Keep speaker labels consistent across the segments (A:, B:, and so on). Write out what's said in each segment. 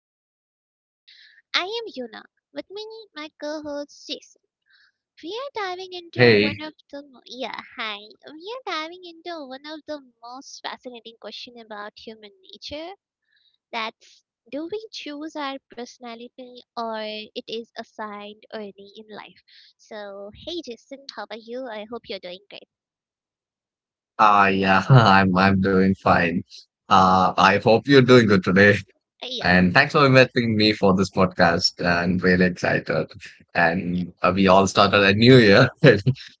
A: Today's podcast. I am Yuna. With me, my co-host Sis. We are diving into
B: Hey,
A: one of the mo- yeah hi. We are diving into one of the most fascinating question about human nature. That's do we choose our personality or it is assigned early in life? So hey Jason, how are you? I hope you're doing great.
B: yeah, I'm doing fine. I hope you're doing good today.
A: Uh, Yeah,
B: And thanks for inviting me for this podcast. I'm really excited.
A: yeah,
B: And we all started a new year,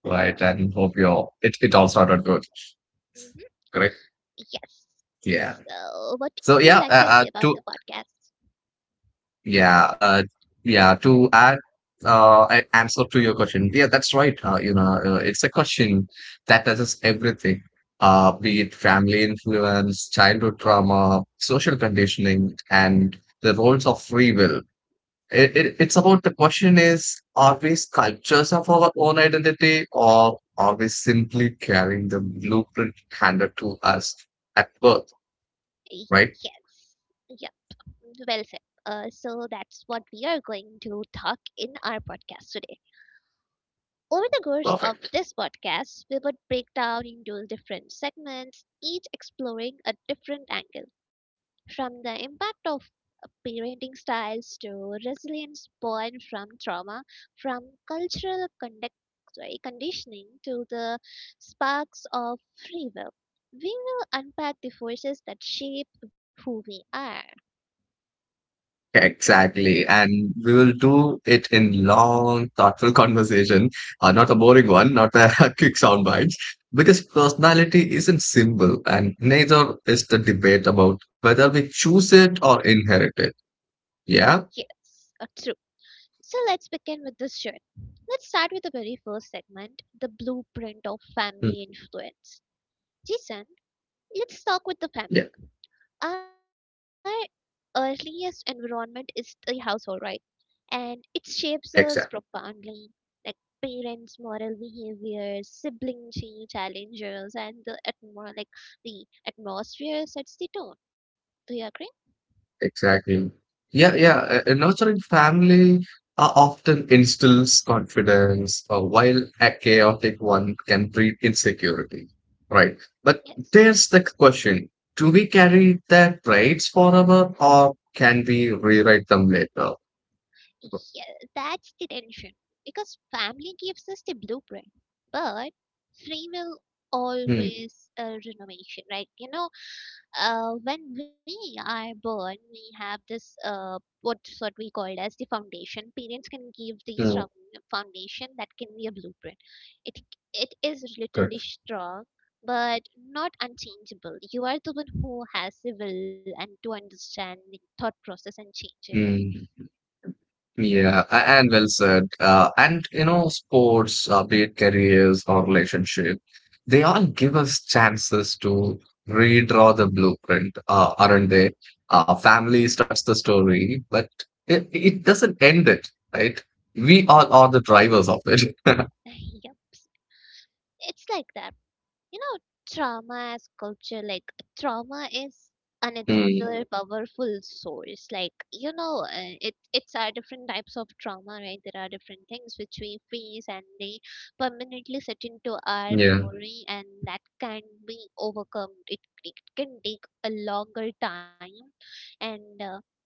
B: right?
A: yeah.
B: And hope you all, it all started good,
A: Mhm.
B: correct?
A: Yes.
B: Yeah.
A: So what do
B: So
A: you like
B: yeah,
A: to say about the
B: to
A: podcast?
B: Yeah, yeah. To add an answer to your question, yeah, that's right. It's a question that touches everything, be it family influence, childhood trauma, social conditioning, and the roles of free will. It's about the question is, are we sculptures of our own identity, or are we simply carrying the blueprint handed to us at birth? Right?
A: Yes. Yep. Well said. So that's what we are going to talk in our podcast today. Over the course of
B: Perfect.
A: this podcast, we would break down into different segments, each exploring a different angle, from the impact of parenting styles to resilience born from trauma, from cultural conduct, sorry, conditioning to the sparks of free will. We will unpack the forces that shape who we are.
B: Exactly. And we will do it in long, thoughtful conversation, not a boring one, not a quick sound bites, because personality isn't simple and neither is the debate about whether we choose it or inherit it. Yeah.
A: Yes, true. So let's begin with this shirt. Let's start with the very first segment, the blueprint of
B: Mm,
A: family influence. Jason, let's talk with the family.
B: Yeah.
A: Our earliest environment is the household, right? And it shapes us
B: Exactly.
A: profoundly, like parents' moral behaviors, challenges, and the atmosphere sets the tone. Do you agree?
B: Exactly. Yeah. A nurturing family often instills confidence, while a chaotic one can breed insecurity. Right. But
A: Yes.
B: there's the question: Do we carry their traits forever, or can we rewrite them later?
A: Yeah, that's the tension. Because family gives us the blueprint, but free will
B: Hmm.
A: always a renovation, right? When we are born, we have this, what we called as the foundation. Parents can give the
B: hmm,
A: strong foundation that can be a blueprint. It it is
B: Good.
A: literally strong, but not unchangeable. You are the one who has the will and to understand the thought process and change it.
B: Hmm. Yeah, and well said. And you know, sports, be it careers or relationship, they all give us chances to redraw the blueprint, aren't they? Family starts the story, but it doesn't end it, right? We all are the drivers of it.
A: Yep. It's like that. You know, trauma as culture, like trauma is another
B: Mm,
A: powerful source. Like you know, it's our different types of trauma, right? There are different things which we face, and they permanently sit into our
B: yeah.
A: memory, and that can be overcome. It can take a longer time, and uh,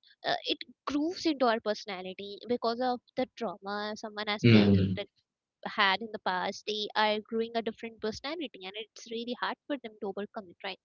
A: uh, it grooves into our personality because of the trauma someone has faced
B: Mm.
A: had in the past, they are growing a different personality, and it's really hard for them to overcome it, right?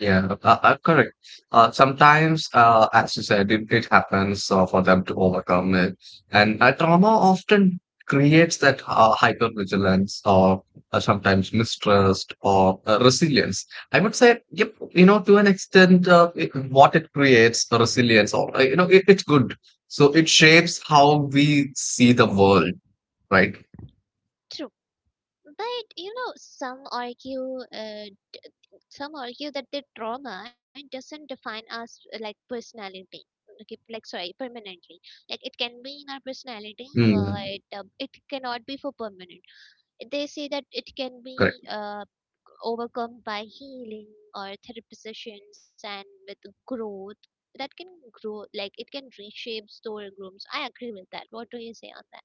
B: Yeah, correct. Sometimes, as you said, it happens for them to overcome it. And trauma often creates that hypervigilance or sometimes mistrust or resilience. I would say, yep, you know, to an extent, what it creates, the resilience, or, it's good. So
A: Yeah.
B: it shapes how we see the world, right?
A: True, but you know, some argue that the trauma doesn't define us like personality. Okay, like sorry, permanently. Like it can be in our personality,
B: Mm,
A: but it cannot be for permanent. They say that it can
B: correct.
A: be overcome by healing or therapy sessions and with growth that can grow like it can reshape storyrooms. I agree with that. What do you say on that?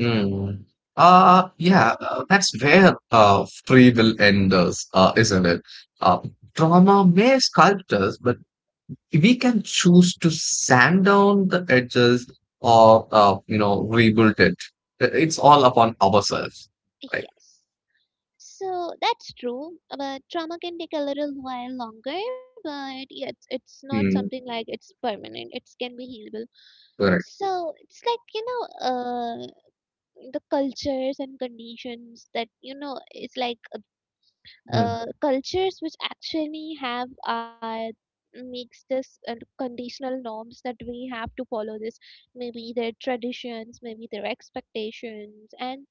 B: Mm. Yeah, that's where free will ends, isn't it? Uh, Trauma may sculpt us, but we can choose to sand down the edges or, rebuild it. It's all upon ourselves, right?
A: Yes, so that's true, but trauma can take a little while longer. But yeah, it's not something
B: Mm,
A: like it's permanent, it can be healable.
B: correct.
A: So it's like, you know, the cultures and conditions that you know. It's like,
B: Mm,
A: cultures which actually have makes this conditional norms that we have to follow, this maybe their traditions, maybe their expectations, and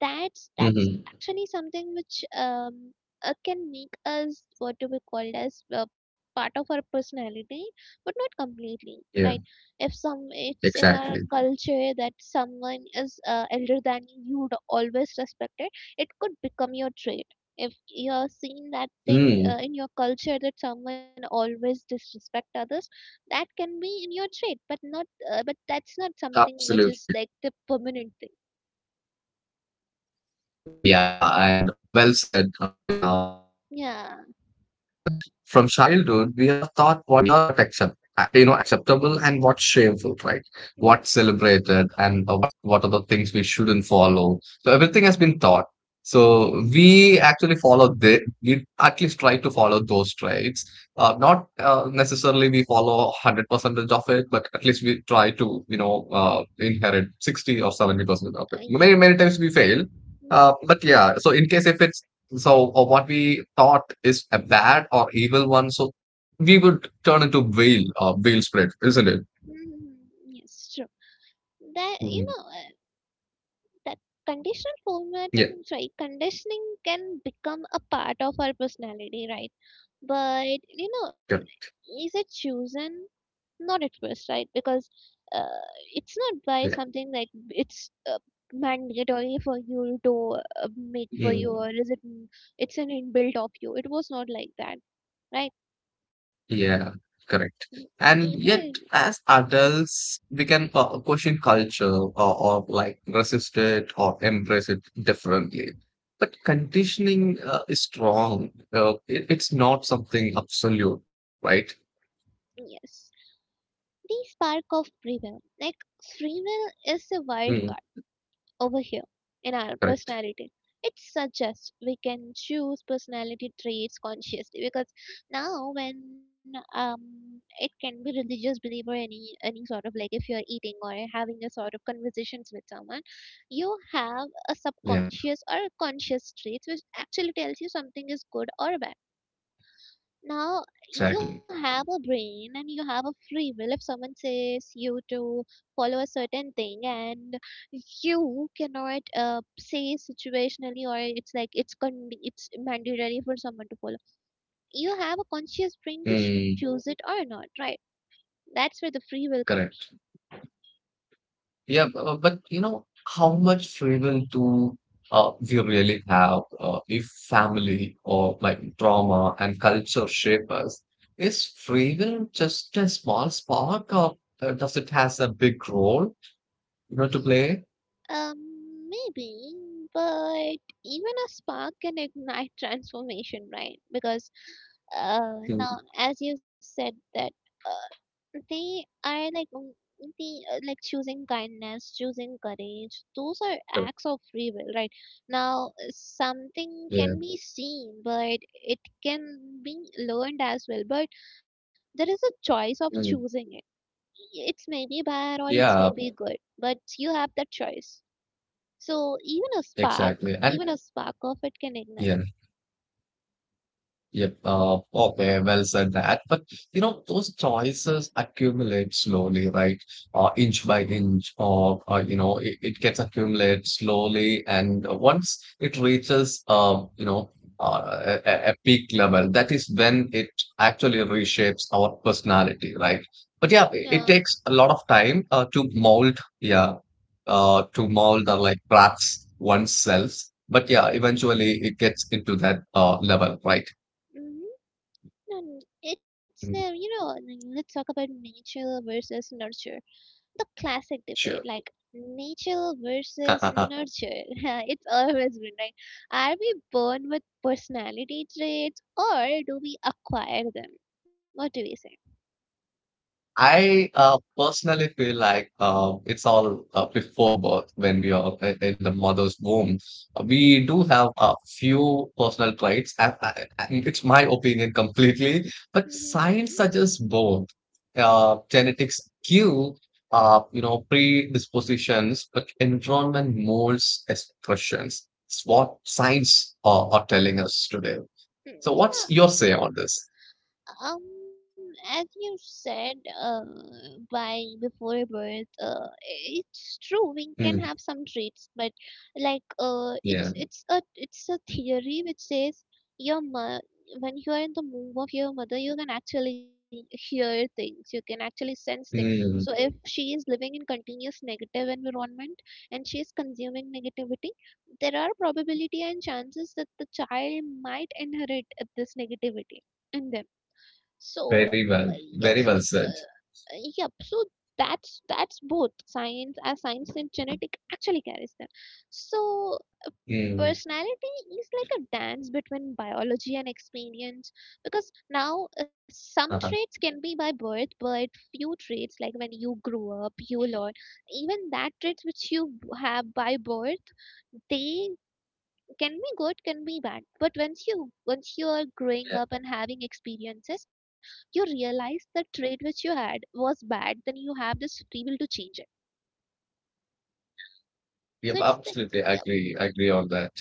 A: that's
B: mhm.
A: actually something which can make us what to be called as part of our personality, but not completely, right?
B: Yeah,
A: If some it's in our
B: exactly.
A: culture that someone is elder than you, you'd always respect it. It could become your trait. If you're seeing that thing in
B: Mm,
A: your culture that someone always disrespect others, that can be in your trait. But not but that's not something which is
B: absolutely.
A: like the permanent thing.
B: Yeah, and well said. I agree on
A: Yeah.
B: that. From childhood, we are taught what acceptable and what's shameful, right? What's
A: Mm,
B: celebrated and what are the things we shouldn't follow. So everything has been taught. So
A: yes.
B: we actually follow the we at least try to follow those traits. Not necessarily we follow 100% of it, but at least we try to, you know, inherit 60 or 70% of
A: uh,
B: it. Many,
A: yep
B: many times we fail
A: Mm,
B: but yeah, so in case if it's so or what we thought is a bad or evil one, so we would turn into veil, veil spread, isn't it?
A: mm, yes, true. that you
B: Mm,
A: know uh, that conditional
B: yeah,
A: formatting, right? Conditioning can become a part of our personality, right? But you know,
B: good.
A: is it chosen? Not at first, right? Because uh, it's not by
B: Yeah,
A: something like it's mandatory for you to make for you.
B: mm,
A: Or it's an inbuilt of you. It was not like that, right?
B: yeah, correct.
A: Y-
B: And
A: we-
B: yet, as adults, we can question culture or, like resist it or embrace it differently. But conditioning is strong. It's not something absolute, right?
A: yes, the spark of free will, like free will is a wild
B: Mm,
A: card over here in our
B: correct.
A: personality. It suggests we can choose personality traits consciously, because now when it can be religious belief or any sort of like if you're eating or having a sort of conversations with someone, you have a
B: Yeah,
A: subconscious or a conscious traits which actually tells you something is good or bad. Now you
B: exactly.
A: have a brain and you have a free will. If someone says you to follow a certain thing, and you cannot say situationally, or it's like it's mandatory for someone to follow, you have a conscious brain to choose
B: Mm,
A: it or not, right? That's where the free will comes.
B: correct. Yeah, but you know, how much freedom do we really have if family or like trauma and culture shape us? Is freedom just a small spark, or does it has a big role, you know, to play?
A: Um, maybe. But even a spark can ignite transformation, right? Because uh
B: Mm,
A: now as you said that they are like the like choosing kindness, choosing courage, those are
B: correct.
A: acts of free will, right? Now something can be seen, but it can be learned as well. But there is a choice of choosing
B: Mm.
A: it. It's maybe bad or it's
B: Yeah,
A: maybe good, but you have that choice. So even a spark,
B: exactly. And
A: even a spark of it can ignite.
B: yeah, yep, okay, well said that. But you know, those choices accumulate slowly, right? Inch by inch, or it gets accumulated slowly, and once it reaches, a peak level, that is when it actually reshapes our personality, right? But yeah,
A: Yeah.
B: it takes a lot of time to mold. Yeah, to mold or like traps oneself. But yeah, eventually it gets into that level, right?
A: Hmm. And it's
B: Mm,
A: you know, let's talk about nature versus nurture, the debate,
B: Sure.
A: like nature versus nurture. It's always been like, are we born with personality traits or do we acquire them? What do we say?
B: I personally feel like it's all before birth when we are in the mother's womb. We do have a few personal traits, and, and it's my opinion completely, but
A: Hmm.
B: science suggests both. Genetics give, predispositions, but environment molds expressions. It's what science are telling us today. So, what's
A: Yeah.
B: your say on this?
A: Um, as you said, uh, by before birth, it's true we
B: Hmm,
A: can have some traits. But like, uh,
B: yeah.
A: it's it's a it's a theory which says, your mo- when you are in the womb of your mother, you can actually hear things, you can actually sense things. So if
B: Hmm.
A: she is living in continuous negative environment and she is consuming negativity, there are probability and chances that the child might inherit this negativity in them. So
B: Very well.
A: yes,
B: Very well said.
A: yep. So that's both science as science and genetic actually carries that. So
B: Mm.
A: personality is like a dance between biology and experience. Because now some traits
B: Uh-huh.
A: can be by birth, but few traits, like when you grow up, you learn. Even that traits which you have by birth, they can be good, can be bad. But once you are growing
B: Yeah.
A: up and having experiences, you realize the trait which you had was bad. Then you have this free will to change it. So
B: Yep.
A: it's like,
B: Absolutely.
A: yeah.
B: Agree. Agree on that.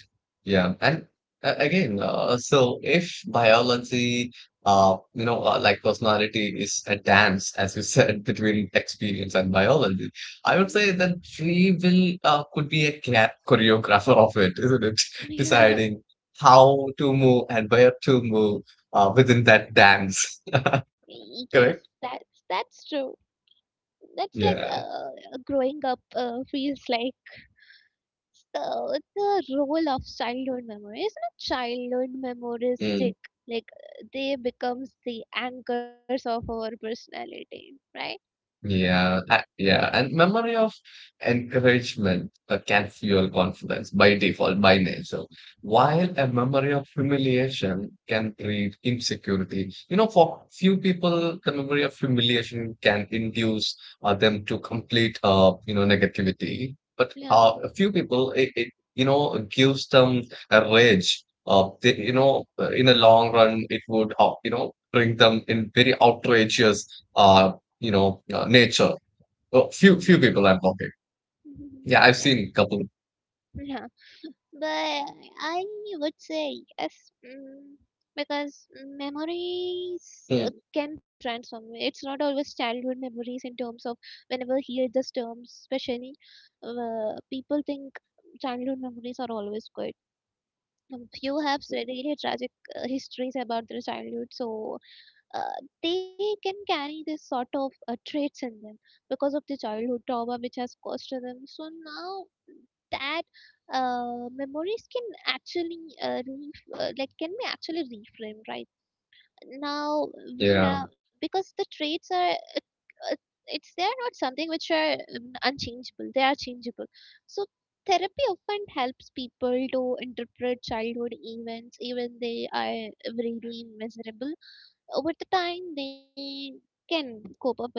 B: Yeah. And so if biology, like personality is a dance, as you said, between experience and biology, I would say that free will could be a choreographer of it, isn't it?
A: Yeah,
B: Deciding how to move and where to move within that dance.
A: yes,
B: Correct?
A: that's true. That's like
B: Yeah.
A: growing up feels like the role of childhood memories. Not childhood memories
B: Mm.
A: stick, like they becomes the anchors of our personality, right?
B: Yeah, yeah, and memory of encouragement can fuel confidence by default, by nature, while a memory of humiliation can breed insecurity. You know, for few people, the memory of humiliation can induce them to complete, negativity. But
A: Yeah.
B: a few people, it you know gives them a rage. In the long run, it would, bring them in very outrageous uh, nature. Well,
A: Mm-hmm.
B: few people I'm talking.
A: Mhm.
B: Yeah, I've
A: Yeah.
B: seen a couple.
A: Yeah. But I would say yes, mm, because memories
B: Mm,
A: can transform. It's not always childhood memories in terms of whenever hear this term, especially people think childhood memories are always good. Few have really tragic histories about their childhood, so they can carry this sort of traits in them because of the childhood trauma which has caused to them. So now that memories can actually like can be actually reframed, right? Now we
B: yeah.
A: have, because the traits are it's they're not something which are unchangeable, they are changeable. So therapy often helps people to interpret childhood events, even they are really miserable, over the time they can cope up with them.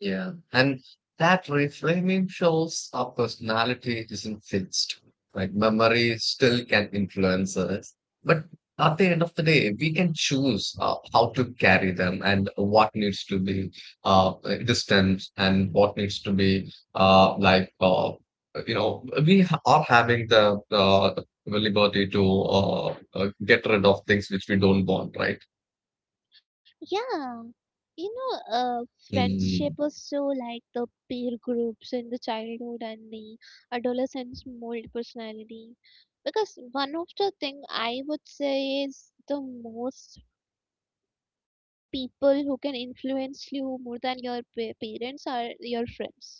B: Yeah. And that reframing shows our personality isn't fixed. Like memory still can influence us. But at the end of the day, we can choose how to carry them and what needs to be uh, distant and what needs to be are having the liberty to get rid of things which we don't want, right?
A: Yeah, you know, uh friendship
B: Mm-hmm.
A: was so, like the peer groups in the childhood and the adolescence mold personality, because one of the thing I would say is the most people who can influence you more than your parents are your friends.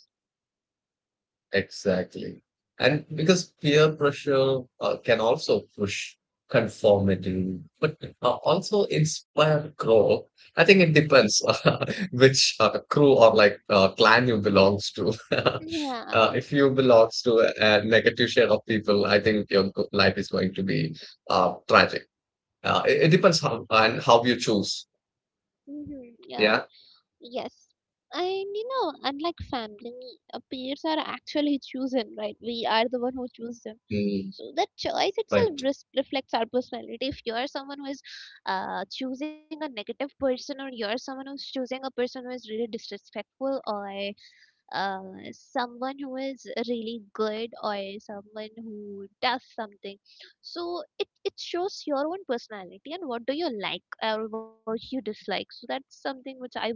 B: Exactly. And because peer pressure can also push conformity, but also inspire growth. I think it depends which crew or like clan you belongs to.
A: Yeah.
B: If you belongs to a negative share of people, I think your life is going to be tragic. It depends how and how you choose.
A: Mm-hmm. Yeah.
B: Yeah.
A: Yes. And you know, unlike family, peers are actually chosen, right? We are the one who choose them.
B: Mm,
A: So that choice itself
B: right.
A: reflects our personality. If you are someone who is choosing a negative person, or you are someone who's choosing a person who is really disrespectful, or uh, someone who is really good, or someone who does something, so it shows your own personality and what do you like or what you dislike. So that's something which I would say.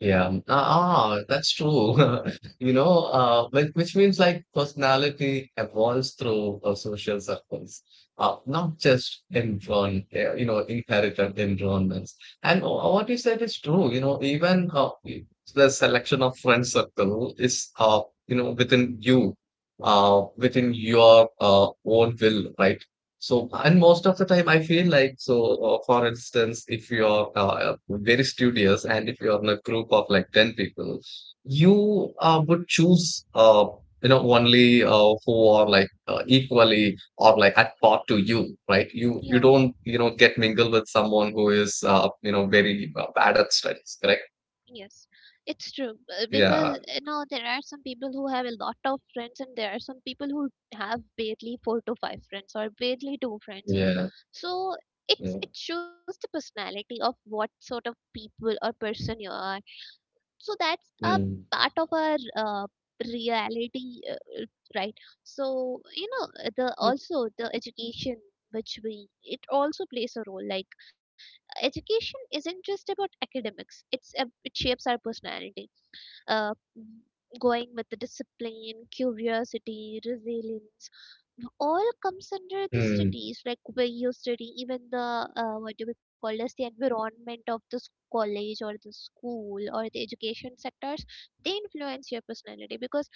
B: Yeah. That's true. You know, which means like personality evolves through social circles, not just environment, inherited environments. And what you said is true. You know, even the selection of friend circle is, within you, within your own will, right? So, and most of the time, I feel like so. For instance, if you're very studious and if you're in a group of like 10 people, you would choose, only who are like equally or like at par to you, right? You
A: Yeah,
B: don't you know get mingled with someone who is very bad at studies, correct?
A: yes, it's true,
B: Yeah,
A: because you know there are some people who have a lot of friends, and there are some people who have barely 4 to 5 friends or barely 2 friends.
B: yeah,
A: So it's
B: yeah.
A: it shows the personality of what sort of people or person you are. So that's a
B: Mm.
A: part of our reality, uh, right? So the
B: Mm.
A: also the education which we it also plays a role. Like education isn't just about academics, it shapes our personality, uh, going with the discipline, curiosity, resilience, all comes under the
B: Mm,
A: studies, like where you study, even the what do we call this, the environment of this college or the school or the education sectors, they influence your personality. Because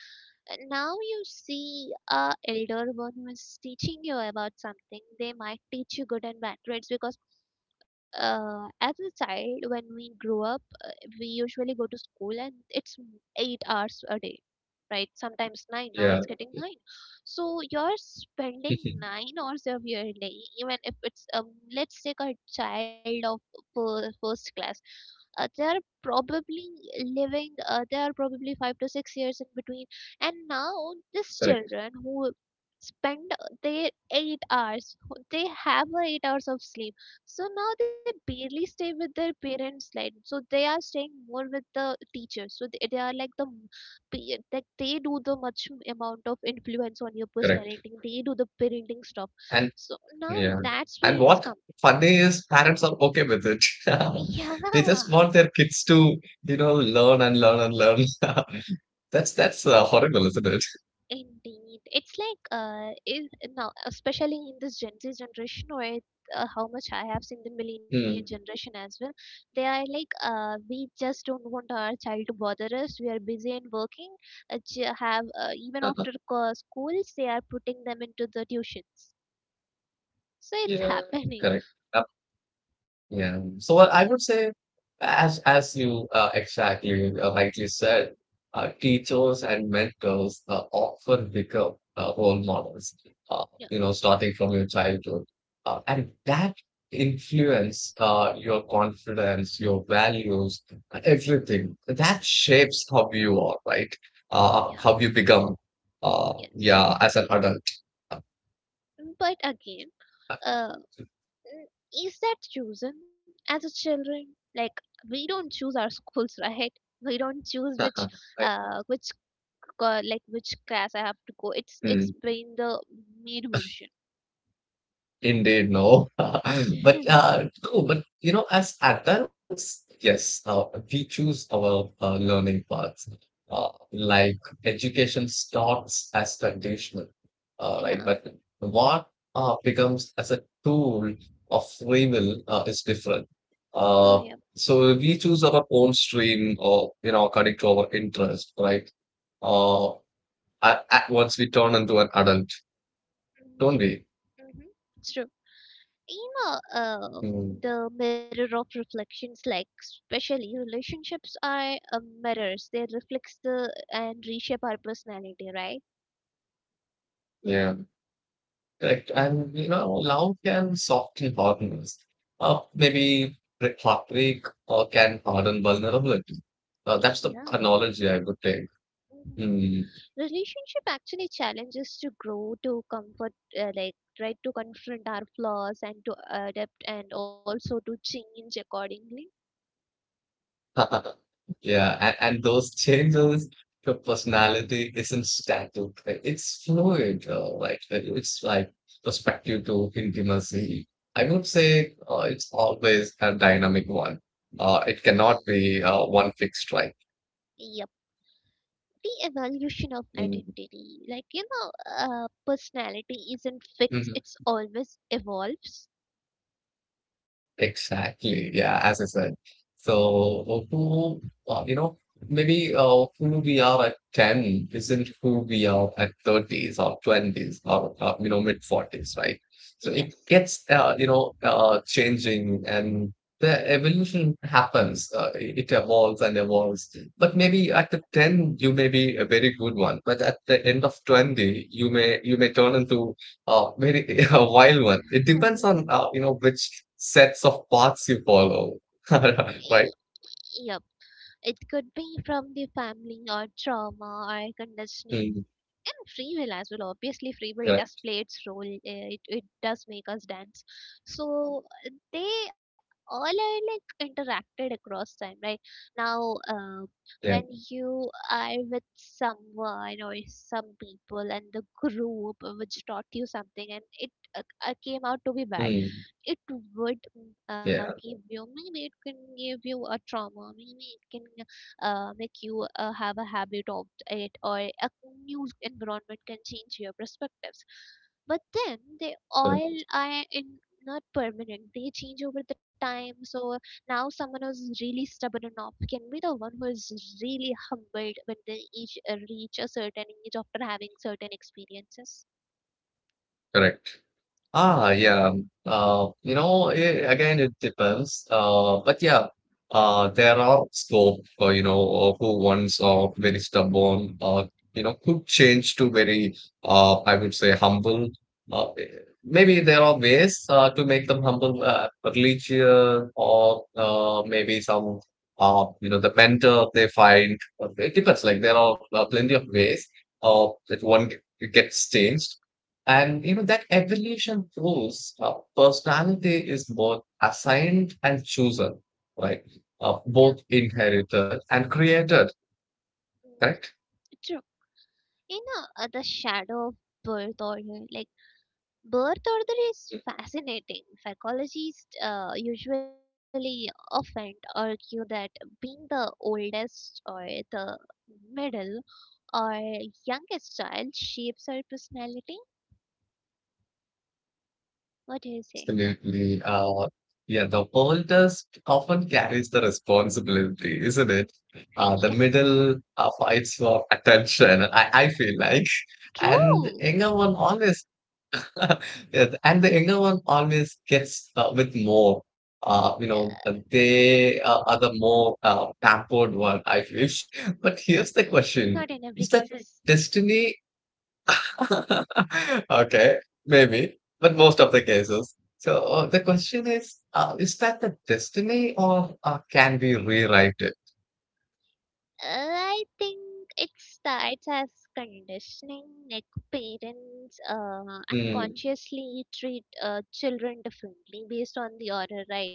A: now you see a elder one who is teaching you about something, they might teach you good and bad traits. Because as a child when we grow up we usually go to school, and it's 8 hours a day, right? Sometimes 9, now
B: Yeah.
A: it's getting 9. So you're spending 9 hours of your day. Even if it's let's take a child of first class, they are probably living they are probably 5 to 6 years in between. And now these
B: Correct,
A: children who spend their 8 hours, they have a 8 hours of sleep, so now they barely stay with their parents. Like, so they are staying more with the teachers. So they are like like they do the much amount of influence on your
B: correct.
A: personality. They do the parenting stuff.
B: And
A: So now
B: Yeah.
A: that's
B: And
A: where it's
B: what
A: come.
B: funny is parents are okay with it.
A: Yeah.
B: They just want their kids to, you know, learn and learn and learn. That's horrible, isn't it?
A: Indeed, it's like is now especially in this Gen Z generation, how much I have seen the millennial
B: Mm.
A: generation as well. They are like, we just don't want our child to bother us. We are busy and working. Ch- have Even after schools, they are putting them into the tuitions. So it's
B: Yeah.
A: happening.
B: Correct. Yeah. So what I would say, as you exactly rightly said, teachers and mentors often become role models.
A: Yeah,
B: You know, starting from your childhood, and that influence your confidence, your values, everything. That shapes how you are, right?
A: yeah,
B: How you become.
A: yes.
B: Yeah, as an adult.
A: But again, uh, Mm, is that chosen as a children? Like we don't choose our schools, right? We don't choose
B: Right.
A: which like which class I have to go. It's
B: Hmm.
A: been the made version.
B: Indeed, no. But no, but you know, as adults, yes, we choose our learning paths. Like education starts as conditional, right?
A: Yeah.
B: But what becomes as a tool of free will is different.
A: Oh yeah.
B: Uh, so we choose our own stream, or you know, according to our interest, right? Uh, at once we turn into an adult,
A: Mm,
B: don't we?
A: yeah. hmm It's true. You know, uh,
B: Mm,
A: the mirror of reflections, like especially relationships are mirrors. They reflect the and reshape our personality, right?
B: yeah. Correct. And you know, love can soften hardness. Maybe heartbreak or can harden vulnerability. That's the analogy I would take.
A: Yeah.
B: Hmm.
A: Relationship actually challenges to grow to comfort, like right, to confront our flaws and to adapt and also to change accordingly.
B: Yeah, and those changes, your personality isn't static, right? It's fluid, right? It's like perspective to intimacy. I would say it's always a dynamic one. It
A: Y-
B: cannot be one fixed, right?
A: yep. The evolution of
B: Mm.
A: identity, like personality isn't fixed, it's always evolves.
B: Exactly. Yeah, as I said. So who, you know, maybe who we are at 10 isn't who we are at 30s or 20s or, mid 40s, right? So it
A: Yes.
B: gets, changing and the evolution happens. It it evolves and evolves. But maybe at the 10, you may be a very good one, but at the end of 20, you may turn into very a wild one. It depends on you know which sets of paths you follow, right?
A: Yep, it could be from the family or trauma or conditioning,
B: Mm,
A: and free will as well. Obviously free will does
B: correct.
A: play its role. It does make us dance. So they all are like interacted across time, right? Now, when
B: Yeah.
A: you are with someone or some people and the group which taught you something, and it came out to be bad,
B: Mm,
A: it would
B: yeah.
A: give you, maybe it can give you a trauma, maybe it can make you have a habit of it. Or a new environment can change your perspectives, but then they all
B: Correct.
A: are in not permanent, they change over the time. So now someone who's really stubborn enough can be the one who is really humbled when they each reach a certain age after having certain experiences.
B: Correct. Yeah. You know, again, it depends. But yeah, there are scope for, you know, who wants are very stubborn, you know, could change to very, I would say humble. Uh, eh, maybe there are ways, to make them humble, religion or, maybe some, you know, the mentor they find. It depends. Like there are plenty of ways, that gets changed. And you know that evolution proves personality is both assigned and chosen, right?
A: Yeah.
B: Both inherited and created,
A: Mhm.
B: correct?
A: The shadow of birth order, like birth order is fascinating. Psychologists usually often argue that being the oldest or the middle or youngest child shapes our personality. What do you say?
B: Absolutely. Yeah, the oldest often carries the responsibility, isn't it? The
A: Yes,
B: middle fights for attention, I feel like. And
A: true.
B: younger one always. Yes, and the younger one always gets with more.
A: uh,
B: They are the more pampered one, I wish. But
A: uh,
B: here's the question:
A: Not in
B: is
A: every
B: that
A: case is.
B: destiny? Okay, maybe, but most of the cases. So the question is: is that the destiny, or can we rewrite it?
A: I think it starts as conditioning, like parents
B: Mm,
A: unconsciously treat children differently based on the order, right?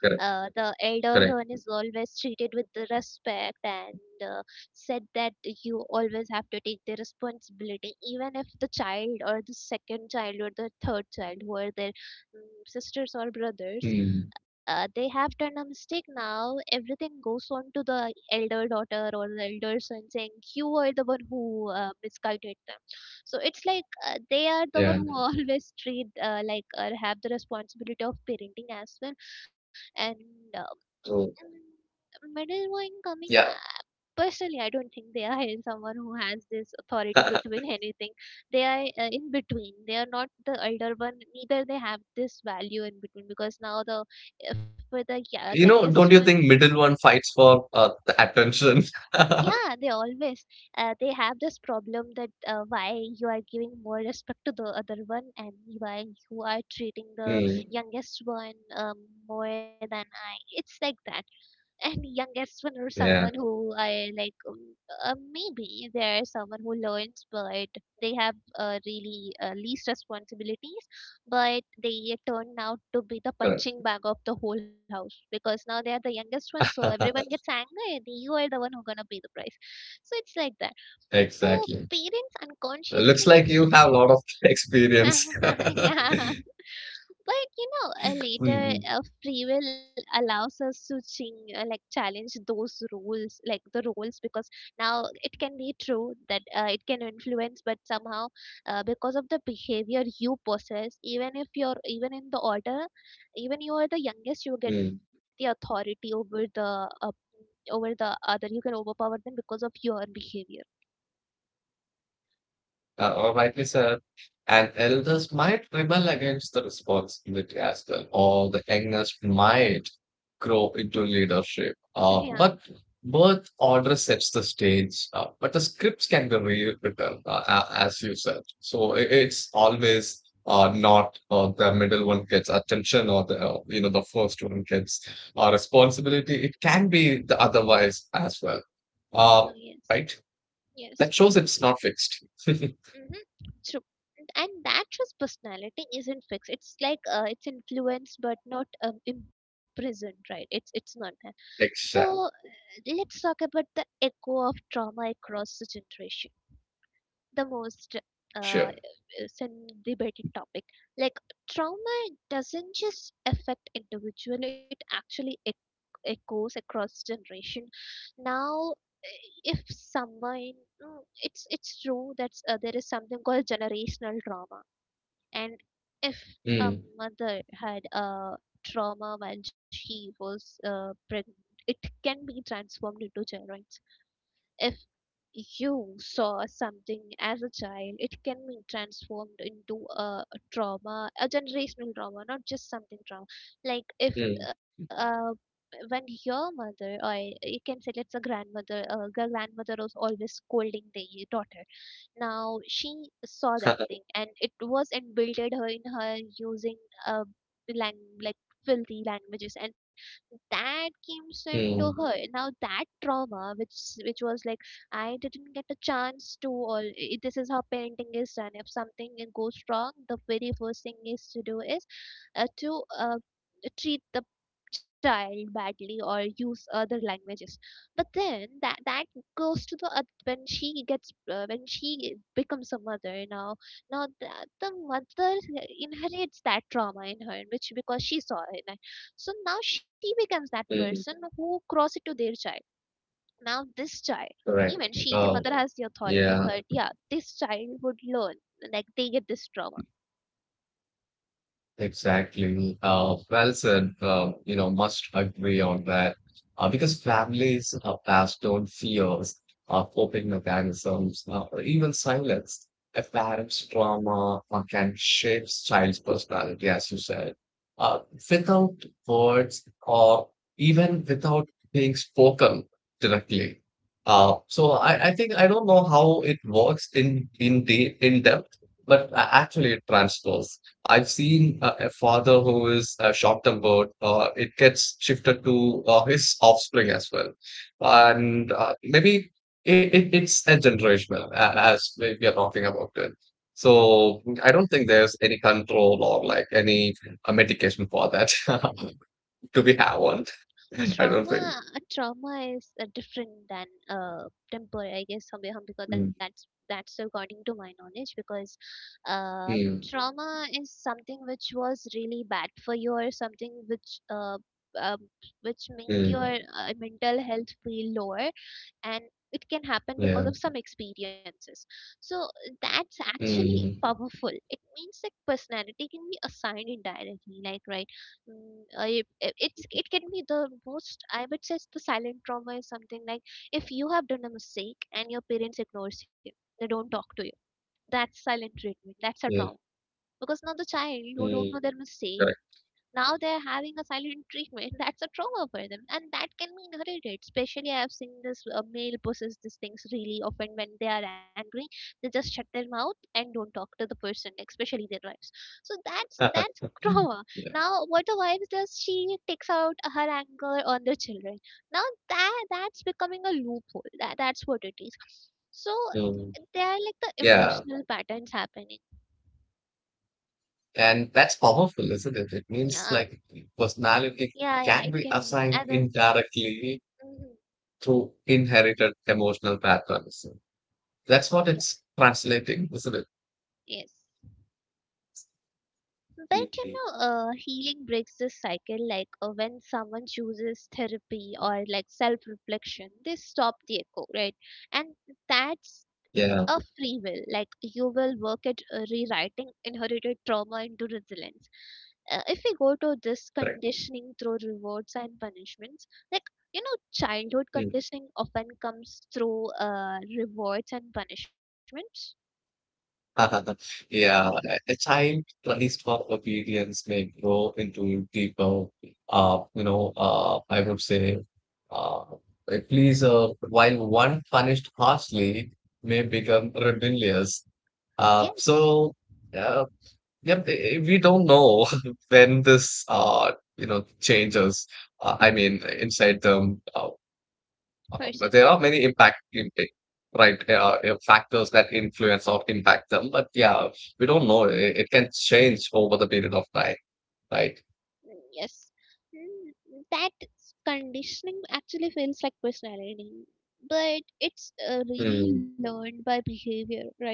B: correct,
A: The elder one
B: correct.
A: is always treated with the respect, and uh, said that you always have to take the responsibility. Even if the child, or the second child or the third child who are their sisters or brothers,
B: Mm,
A: they have done a mistake, now everything goes on the elder daughter or the elder son, saying you are the one who misguided them. So it's like they are the one
B: yeah,
A: who always treat, like, or have the responsibility of parenting as well. And um,
B: true.
A: middle one coming
B: Yeah.
A: up, personally I don't think they are someone who has this authority between anything. They are in between, they are not the elder one, neither they have this value in between. Because now the for the
B: You
A: youngest
B: know,
A: one,
B: don't you think middle one fights for the attention?
A: yeah they always they have this problem that why you are giving more respect to the other one, and why you are treating the
B: Mm,
A: youngest one more than i. It's like that. And youngest one or someone
B: yeah,
A: who I like, maybe there is someone who learns, but they have really least responsibilities. But they turn out to be the
B: correct.
A: punching bag of the whole house, because now they are the youngest one, so everyone gets angry and you are the one who's gonna pay the price. So it's like that. So
B: Exactly.
A: parents
B: Looks
A: unconsciously
B: like
A: it's
B: you have a lot of experience.
A: yeah. But later,
B: Mhm,
A: free will allows us to ching, like challenge those rules, like the rules. Because now it can be true that it can influence, but somehow because of the behavior you possess, even if you're even in the order, even you are the youngest, you get the
B: mm.
A: authority over the other. You can overpower them because of your behavior.
B: Or rightly said. And elders might rebel against the responsibility as well, or the youngest might grow into leadership.
A: Yeah.
B: But birth order sets the stage, but the scripts can be rewritten, as you said. So it's always not the middle one gets attention or the you know the first one gets responsibility. It can be the otherwise as well,
A: No,
B: uh,
A: yes.
B: right?
A: Yes.
B: That shows it's not fixed.
A: Mhm. True. And that just personality isn't fixed. It's like it's influenced but not imprisoned, right? It's not that. So uh,
B: Exact.
A: let's talk about the echo of trauma across the generation. The most uh,
B: Sure.
A: is an debated topic. Like trauma doesn't just affect individual, it actually echoes across generation. Now, if someone, it's true that there is something called generational trauma. And if a
B: Mm.
A: mother had a trauma while she was pregnant, it can be transformed into children. If you saw something as a child, it can be transformed into a trauma, a generational trauma, not just something trauma. Like if
B: Mm.
A: uh, when your mother, or you can say, let's a grandmother, grandmother was always scolding the daughter, now she saw that thing, and it was embedded her in her using uh, like filthy languages, and that came into her.
B: Mm.
A: Now that trauma, which was like, I didn't get a chance to, or this is how parenting is done. If something goes wrong, the very first thing is to do is to treat the child badly or use other languages. But then that goes to the when she gets when she becomes a mother, now now the, the mother inherits that trauma in her, which because she saw it. And so now she becomes that person
B: Mm.
A: who cross it to their child. Now this child,
B: Correct.
A: even she the
B: Oh,
A: mother has the authority,
B: yeah.
A: but yeah this child would learn, like they get this trauma.
B: Exactly. Well said. You know, must agree on that. Because families are passed on fears, coping mechanisms, or even silence. A parent's trauma can shape child's personality, as you said. Uh, Without words or even without being spoken directly. So I think I don't know how it works in the in depth, but actually it transfers. I've seen a father who is short-tempered. It gets shifted to his offspring as well, and maybe it's a generational as we are talking about it. So I don't think there's any control or like any medication for that. Do we have one? I don't think.
A: Trauma, a trauma is different than uh, temporary, I guess, somewhere. Because
B: Mm,
A: that's according to my knowledge. Because uh,
B: mm,
A: trauma is something which was really bad for you, or something um, which made your
B: mm,
A: mental health feel lower. And it can happen because
B: yeah.
A: of some experiences. So that's actually
B: Mm,
A: powerful. It means that personality can be assigned indirectly, like right. It's it can be the most, I would say the silent trauma is something like if you have done a mistake and your parents ignores you, they don't talk to you. That's silent treatment, that's a trauma.
B: yeah.
A: Because now the child, you don't know
B: Mm,
A: their mistake,
B: correct.
A: now they're having a silent treatment, that's a trauma for them. And that can be inherited, especially I've seen this male possess these things really often. When they are angry, they just shut their mouth and don't talk to the person, especially their wives. So that's trauma.
B: Yeah.
A: Now what the wife does, she takes out her anger on the children. Now that's becoming a loophole. That's what it is. So
B: Mm,
A: there are like the
B: yeah.
A: emotional patterns happening.
B: And that's powerful, isn't it? It means
A: Yeah,
B: like personality
A: yeah, yeah,
B: can
A: it
B: be
A: can.
B: assigned
A: As a,
B: indirectly
A: Mhm.
B: through inherited emotional patterns. That's what it's translating, isn't it?
A: Yes. But you
B: Mhm.
A: know, healing breaks this cycle. Like when someone chooses therapy or like self reflection, they stop the echo, right? And that's a
B: Yeah,
A: free will. Like you will work at rewriting inherited trauma into resilience. If we go to this
B: correct.
A: conditioning through rewards and punishments, like you know, childhood
B: Mm.
A: conditioning often comes through rewards and punishments.
B: Yeah, a child raised for obedience may grow into deeper, I would say, uh, a pleaser, while one punished harshly may become rebellious.
A: Yes.
B: So, yeah, yep, we don't know when this, you know, changes. I mean, inside them,
A: For
B: but
A: sure.
B: there are many impact, right? Factors that influence or impact them. But yeah, we don't know. It can change over the period of time, right?
A: Mm, yes. Mm, that conditioning actually feels like personality, but it's really
B: Mm.
A: learned by behavior, right?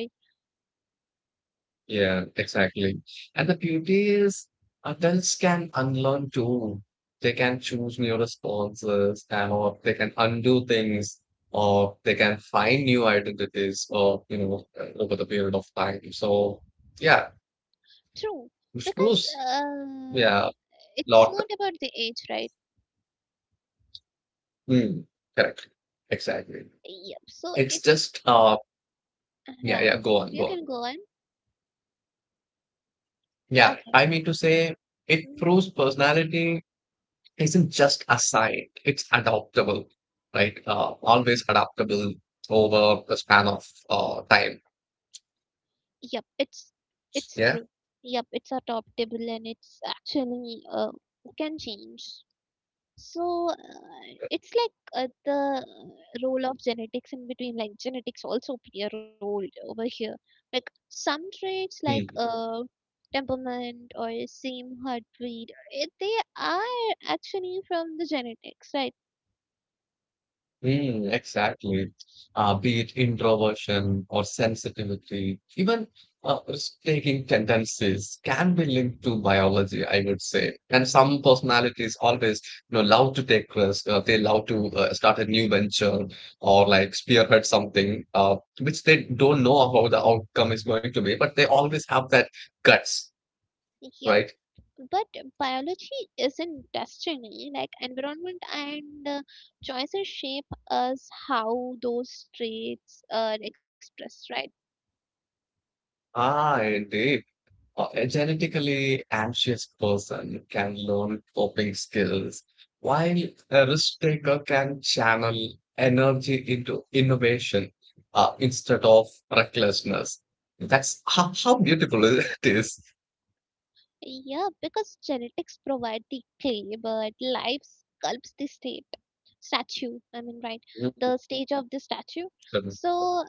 B: Yeah, exactly. And the beauty is adults can unlearn too. They can choose new responses and or they can undo things or they can find new identities or you know over the period of time. So yeah,
A: True,
B: which
A: because
B: proves yeah,
A: it's
B: lot
A: not about the age, right?
B: mm, correct. Exactly.
A: Yep. So
B: It's
A: it's
B: just yeah,
A: yeah.
B: yeah, go on,
A: You
B: go on.
A: can go on.
B: Yeah,
A: Okay.
B: I mean to say it
A: hmm
B: proves personality isn't just assigned, it's adaptable, right? Always adaptable over the span of time.
A: Yep. It's
B: Yeah.
A: true. Yep, it's adoptable and it's actually can change. So, it's like the role of genetics in between, like genetics also play a role over here. Like some traits, like
B: Hmm.
A: temperament or same heartbeat, they are actually from the genetics, right?
B: Mm, exactly. Be it introversion or sensitivity, even risk-taking tendencies can be linked to biology, I would say. And some personalities always, you know, love to take risks. They love to start a new venture or like spearhead something, which they don't know how the outcome is going to be, but they always have that guts,
A: Yep.
B: right?
A: But biology isn't destiny. Like environment and choices shape us how those traits are expressed, right?
B: Ah, indeed. A genetically anxious person can learn coping skills, while a risk taker can channel energy into innovation instead of recklessness. That's how beautiful it is.
A: Yeah, because genetics provide the clay, but life sculpts the state statue. I mean, right, the stage of the statue. So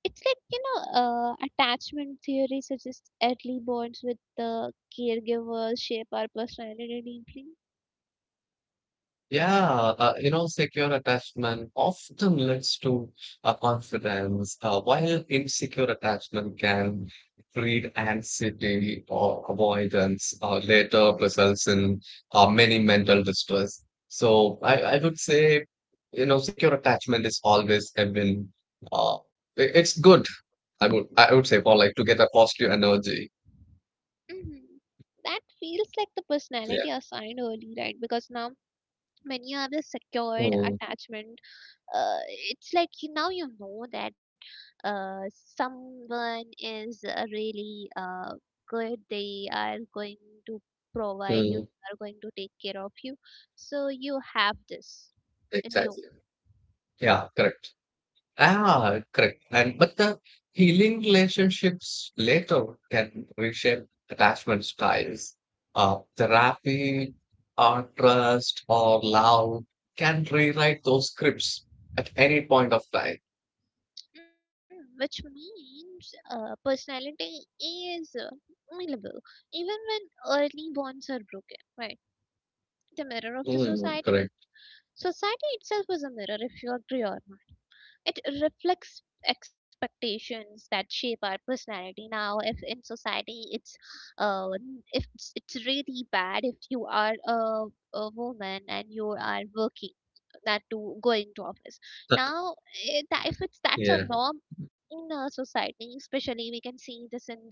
A: it's like, attachment theory suggests early bonds with the caregiver shape our personality deeply.
B: Yeah, you know, secure attachment often leads to confidence, while insecure attachment can breed anxiety or avoidance, later results in many mental distress. So I would say, you know, secure attachment is always a win. Uh, it's good, I would say, for like to get a positive energy.
A: hmm That feels like the
B: Yeah.
A: personality assigned early, right? Because now when you have a secured
B: Mm,
A: attachment, uh, it's like you, now you know that uh, someone is really good. They are going to provide, you
B: mm,
A: are going to take care of you, so you have this in you.
B: exactly. Yeah, correct. Ah, correct. And but the healing relationships later can reshape attachment styles. Therapy, or trust, or love can rewrite those scripts at any point of time.
A: Which means personality is malleable even when early bonds are broken, right? The mirror of the
B: Mm,
A: society,
B: correct.
A: society itself is a mirror if you agree or not. It reflects expectations that shape our personality. Now, if in society it's if it's really bad if you are a woman and you are working, that to going to office now, if it's that's a
B: Yeah,
A: norm in a society, especially we can see this in the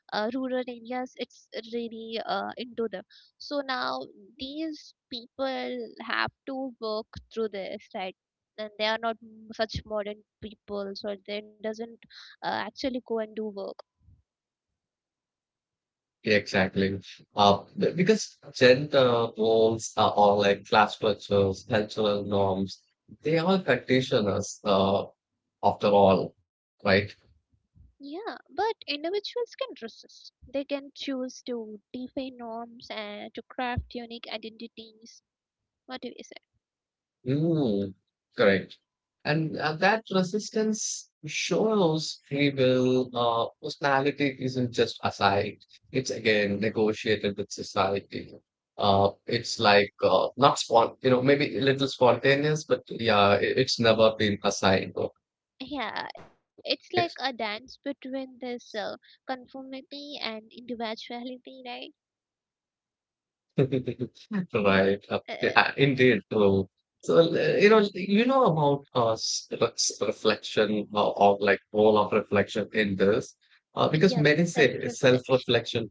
A: rural areas. It's really into them, so now these people have to work through this, right? And they are not such modern people, so they doesn't actually go and do work.
B: yeah, exactly. Because gender roles are all like class structures, cultural norms, they all condition us after all, right?
A: Yeah, but individuals can resist. They can choose to defy norms and to craft unique identities. What do you say?
B: Mm, correct. And that resistance shows free will personality isn't just assigned. It's again negotiated with society. It's like not you know, maybe a little spontaneous, but yeah, it's never been assigned. Or
A: Yeah, it's like a
B: it's.
A: dance between this conformity and individuality, right?
B: Right.
A: uh,
B: Okay. Indeed. So, you know about reflection or like role of reflection in this,
A: yep,
B: because many say
A: self-reflection.
B: self-reflection,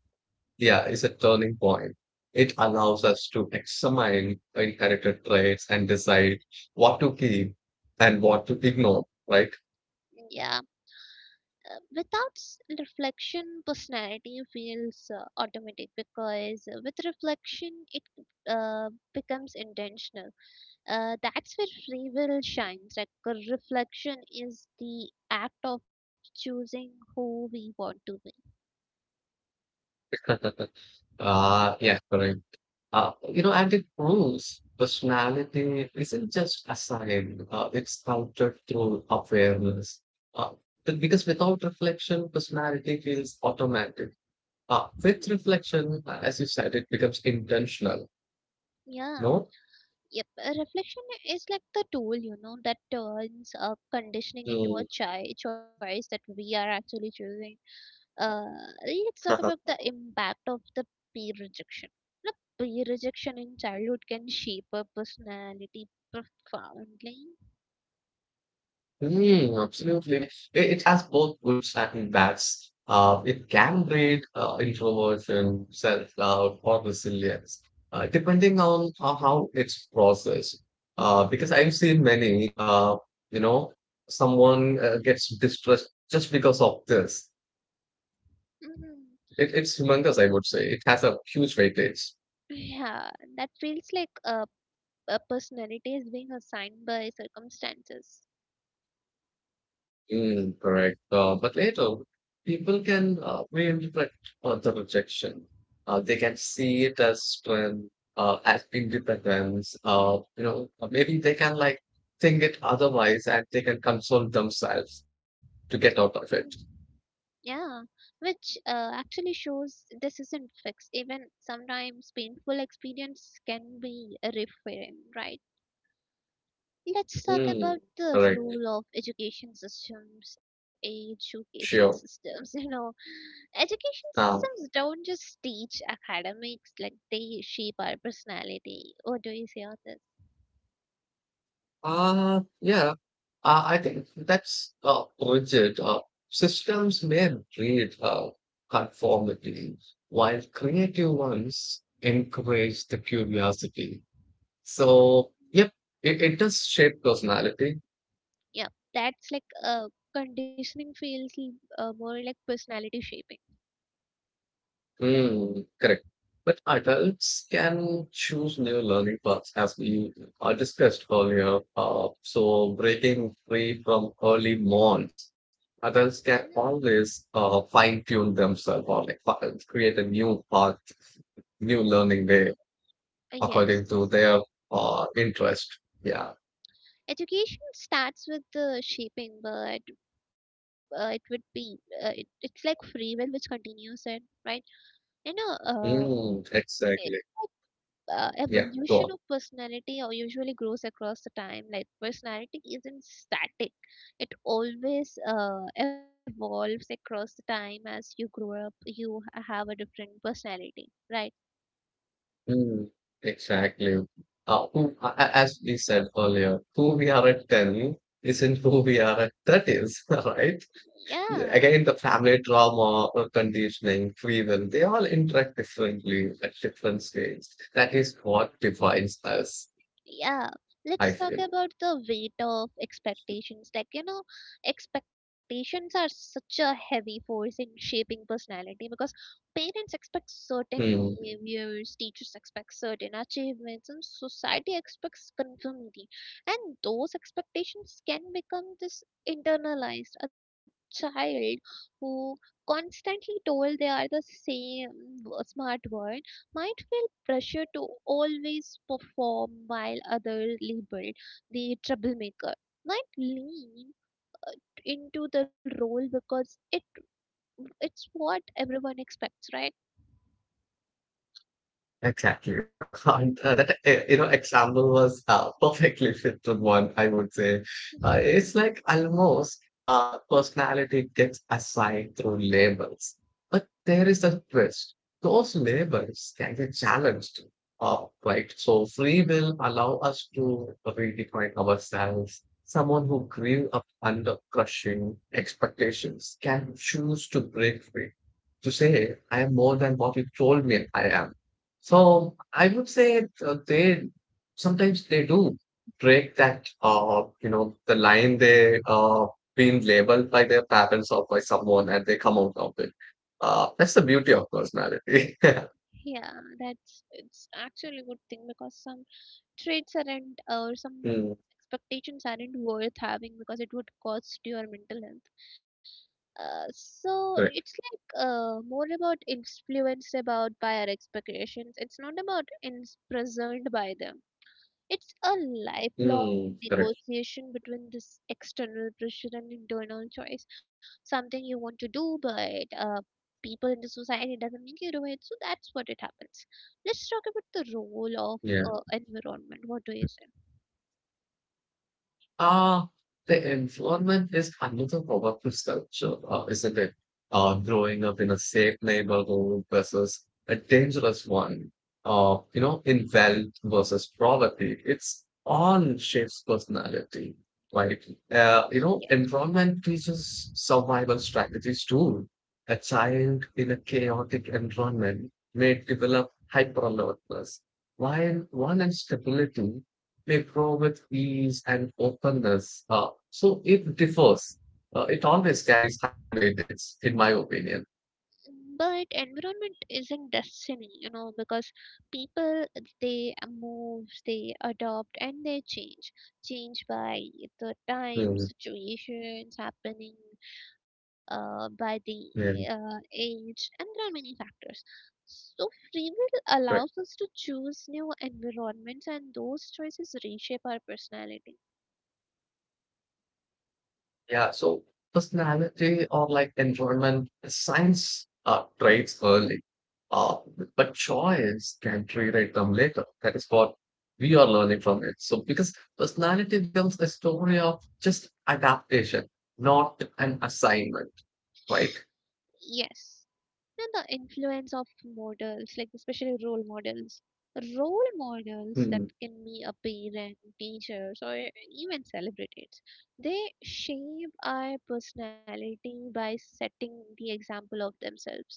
B: yeah, is a turning point. It allows us to examine inherited traits and decide what to keep and what to ignore. Right.
A: Yeah, without reflection personality feels automatic, because with reflection it uh, becomes intentional. That's where free will shines, like reflection is the act of choosing who we want to be.
B: Ah, yeah. Correct. You know, and it proves personality isn't just assigned, it's counted through awareness. Uh, but because without reflection, personality feels automatic.
A: Hmm.
B: With reflection, as you said, it becomes intentional.
A: Yeah,
B: No?
A: yep. A reflection is like the tool, that turns conditioning into a
B: Mm.
A: choice that we are actually choosing. Uh, Really, let's talk about the impact of the peer rejection. The peer rejection in childhood can shape a personality profoundly.
B: Mm, absolutely. It, it has both good and bads. It can breed introversion, self-doubt, or resilience, depending on how it's processed. Because I've seen many, you know, someone gets distressed just because of this.
A: Mm,
B: It's humongous, I would say. It has a huge weightage.
A: yeah, that feels like a personality is being assigned by circumstances.
B: Mm, correct. But later, people can reinterpret the rejection. They can see it as strength, as independence. You know, maybe they can like think it otherwise, and they can console themselves to get out
A: Mm,
B: of it.
A: yeah, which actually shows this isn't fixed. Even sometimes painful experience can be reframed, right? Let's talk
B: Mm,
A: about the
B: correct.
A: role of education systems,
B: Sure.
A: you know. Education
B: Um,
A: systems don't just teach academics, like they shape our personality. What do you say on this?
B: Yeah, I think that's rigid. Systems may breed conformity, while creative ones encourage the curiosity. So, yep, it does shape personality.
A: Yeah, that's like conditioning feels more like personality shaping.
B: Hmm. Correct. But adults can choose new learning paths, as we discussed earlier. So, breaking free from early molds, adults can
A: Mm,
B: always fine tune themselves or like create a new path, new learning way
A: yes.
B: according to their interest. Yeah.
A: Education starts with the shaping, but it would be, it, it's like free will which continues it, right? You know, uh,
B: Mm, exactly. Yeah. Go
A: evolution
B: on.
A: of personality usually grows across the time, like personality isn't static. It always evolves across the time. As you grow up you have a different personality, right?
B: Mm, exactly. As we said earlier, who we are at 10 isn't who we are at 30s, right?
A: Yeah.
B: Again, the family trauma, conditioning, free will, they all interact differently at different stages. That is what defines us,
A: Yeah,
B: I
A: let's talk
B: feel.
A: about the weight of expectations, like, you know, expectations are such a heavy force in shaping personality because expect certain
B: Hmm.
A: behaviors, teachers expect certain achievements, and society expects conformity, and those expectations can become this internalized. A child who constantly told they are the same smart one might feel pressure to always perform, while others labeled the troublemaker. Knight lean into the role because it's what everyone expects, right?
B: Exactly. And you know, example was perfectly fit to one, I would say. It's like almost personality gets assigned through labels. But there is a twist. Those labels can get challenged, right? So free will allow us to redefine ourselves. Someone who grew up under crushing expectations can choose to break free, to say, I am more than what you told me I am, so I would say they sometimes they do break that you know the line they been labeled by their parents or by someone and they come out of it. That's the beauty of personality.
A: Yeah, that's, it's actually a good thing because some traits aren't, or some
B: Mm,
A: expectations aren't worth having because it would cost your mental health. So it's
B: correct.
A: like more about influence about by our expectations. It's not about in present by them. It's a lifelong
B: Mm, correct.
A: negotiation between this external pressure and internal choice. Something you want to do, but uh, people in the society doesn't make you do it. So that's what it happens. Let's talk about the role of
B: Yeah.
A: environment. What do you say?
B: Uh, the environment is another powerful structure, isn't it? Growing up in a safe neighborhood versus a dangerous one, you know, in wealth versus poverty, it's all shapes personality, right? You know,
A: Yes.
B: environment teaches survival strategies too. A child in a chaotic environment may develop hyper alertness, while one in stability they grow with ease and openness. So it differs. It always carries high weightage, in my opinion.
A: But environment isn't destiny, you know, because people, they move, they adopt, and they change by the time
B: Mm,
A: situations happening, by the
B: really
A: age, and there are many factors. So free will
B: correct.
A: allows us to choose new environments, and those choices reshape our personality.
B: Yeah. So personality or like environment, science traits early, uh, but choice can rewrite them later. That is what we are learning from it. So because personality becomes a story of just adaptation, not an assignment, right?
A: Yes. And the influence of models, like especially role models. Role models that can be a parent, teachers, or even celebrities. They shape our personality by setting the example of themselves,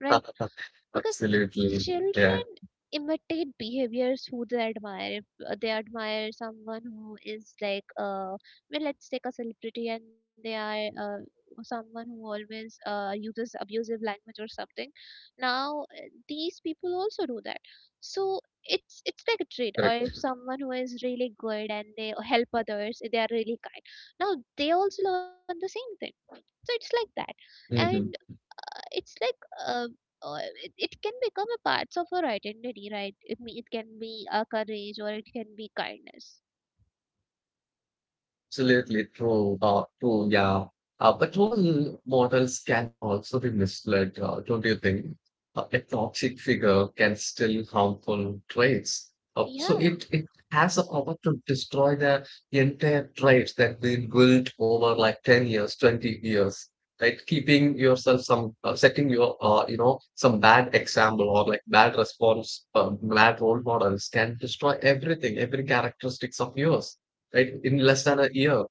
A: right? Because
B: Absolutely. Yeah.
A: children imitate behaviors who they admire. If they admire someone who is like, well, let's take a celebrity, and they are someone who always uses abusive language or something, now these people also do that. So it's like a trait. Or if
B: Correct.
A: someone who is really good and they help others, they are really kind, now they also learn the same thing. So it's like that. And
B: Mhm.
A: it's like uh, uh, it, it can become a part of our identity, right? It can be a courage or it can be kindness.
B: Absolutely true. True. Yeah. But role models can also be misled, don't you think? A toxic figure can still harmful traits. Uh, so
A: Yeah.
B: it it has the power to destroy the entire traits that been built over like 10 years, 20 years, right? Keeping yourself some, setting your, you know, some bad example or like bad response, bad role models can destroy everything, every characteristics of yours right? In
A: Mm,
B: less than a year.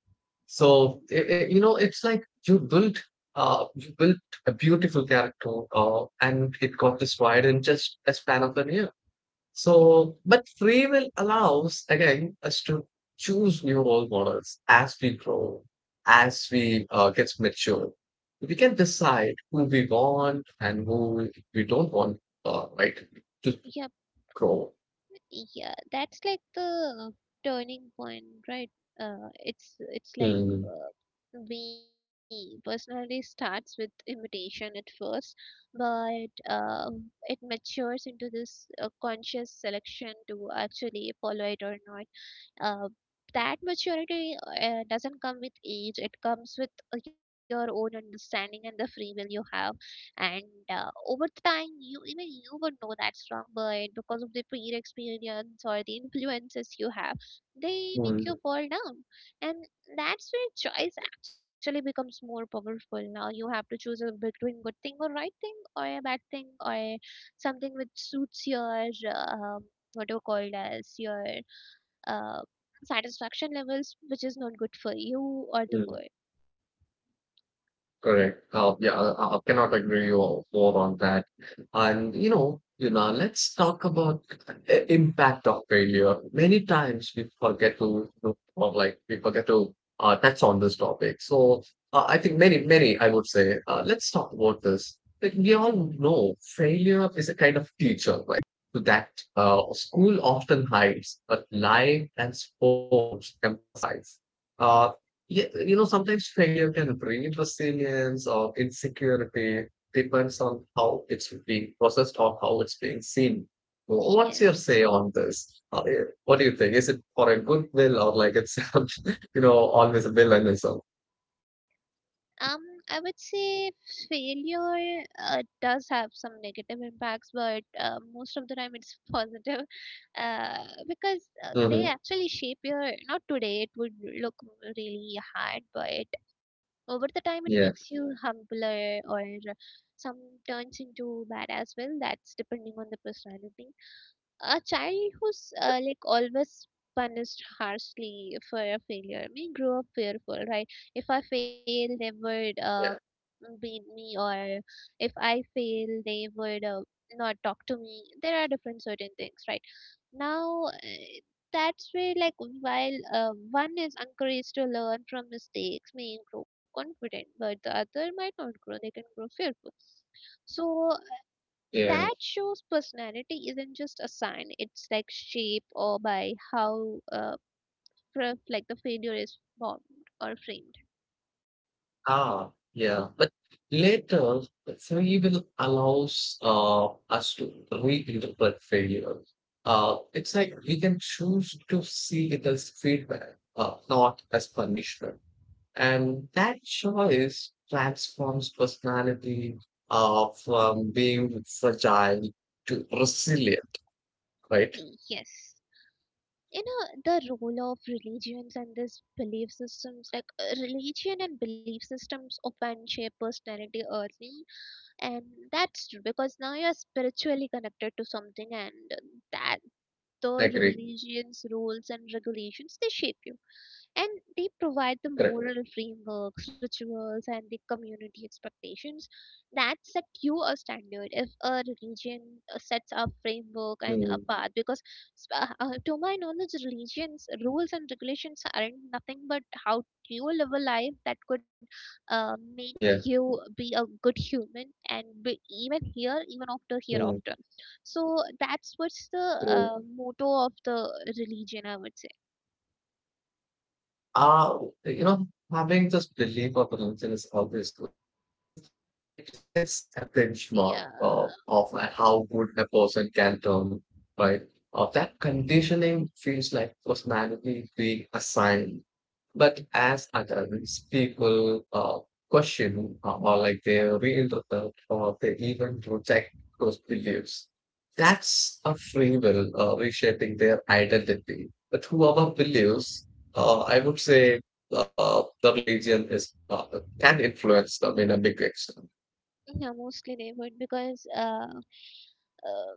A: mm,
B: So, it's like you built a beautiful character and it got destroyed in just a span of a year. So, but free will allows again us to choose new role models as we grow, as we get mature. We can decide who we want and who we don't want, right, to
A: yep.
B: grow.
A: Yeah, that's like the turning point, right? It's like
B: Mm,
A: we personally starts with imitation at first, but it matures into this conscious selection to actually follow it or not. Uh, that maturity doesn't come with age, it comes with your own understanding and the free will you have. And over the time, you even you would know that's wrong, but because of the prior experience or the influences you have, they make you
B: mm,
A: fall down. And that's where choice actually becomes more powerful. Now you have to choose between good thing or right thing or a bad thing, or something which suits your uh, um, what do you call it as your uh, satisfaction levels, which is not good for you or the
B: mm.
A: bird.
B: Correct. Yeah, I cannot agree more on that. And let's talk about the impact of failure. Many times we forget or like we forget to touch on this topic. So I think many, I would say, let's talk about this. Like we all know, failure is a kind of teacher, right? So that school often hides, but life and sports emphasize. Uh, yeah, sometimes failure can bring resilience or insecurity, depends on how it's being processed or how it's being seen. What's your
A: Yes.
B: say on this? What do you think? Is it for a good will or like it's, always a villainism?
A: Um, I would say failure does have some negative impacts, but most of the time it's positive, because they,
B: Mm-hmm.
A: yeah, actually shape your. Not today, it would look really hard, but over the time it makes
B: Yeah,
A: you humbler, or some turns into bad as well. That's depending on the personality. A child who's like always punished harshly for a failure may grow up fearful, right? If I fail, they would
B: yeah,
A: beat me, or if I fail, they would not talk to me. There are different certain things, right? Now, that's where, like, while one is encouraged to learn from mistakes, may grow confident, but the other might not grow, they can grow fearful. So,
B: yeah.
A: that shows personality isn't just a sign, it's like shape or by how like the failure is formed or framed.
B: Ah, yeah. But later, free will allows us to reinterpret failure. It's like we can choose to see it as feedback, not as punishment. And that choice transforms personality from being fragile to resilient, right?
A: Yes. You know, the role of religions and this belief systems, like religion and belief systems often shape personality early, and that's true because now you're spiritually connected to something, and that the
B: I agree.
A: religion's rules and regulations, they shape you. And they provide the
B: Correct.
A: moral frameworks, rituals, and the community expectations that set you a standard. If a religion sets a framework and a
B: Mm,
A: path, because to my knowledge, religions, rules, and regulations aren't nothing but how you live a life that could make
B: yeah.
A: you be a good human and be even here, even after
B: Mm,
A: hereafter. So that's what's the
B: true.
A: motto of the religion, I would say.
B: Uh, you know, Having this belief of potential is always good because it sets a benchmark
A: Yeah.
B: of how good a person can turn, right? That conditioning feels like personality being assigned. But as adults, people question or like they reinterpret or they even reject those beliefs. That's a free will reshaping their identity. But whoever believes I would say the religion is can influence them in a big extent.
A: Yeah, mostly they would because uh,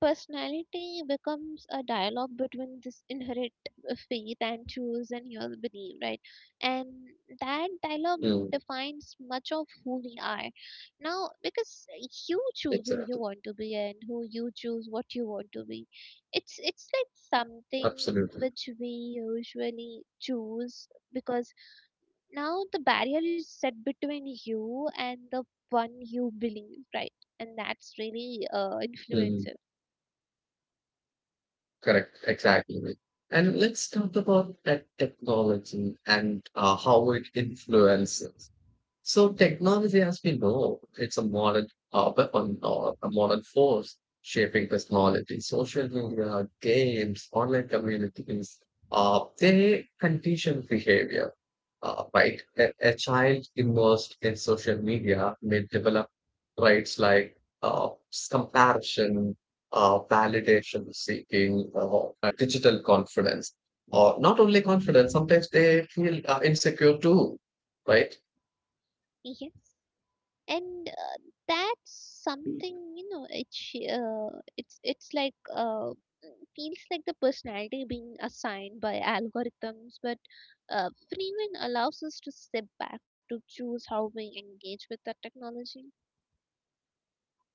A: personality becomes a dialogue between this inherent faith and choose and your belief, right? And that dialogue
B: Mm,
A: defines much of who we are. Now, because you choose who you
B: exactly.
A: want to be, and who you choose what you want to be, it's like something
B: Absolutely.
A: which we usually choose, because now the barrier is set between you and the one you believe, right? And that's really
B: Mm,
A: influencer.
B: correct. Exactly. And let's talk about that technology and how it influences.
A: Mhm.
B: So technology, as we know, it's a modern weapon or a modern force shaping personality. Social media, games, online communities, they condition behavior, right? A child immersed in social media may develop traits like uh, comparison, validation seeking, digital confidence, or not only confidence, sometimes they feel insecure too, right?
A: Yes. And that's something, you know, it's like feels like the personality being assigned by algorithms, but Freeman allows us to step back to choose how we engage with the technology.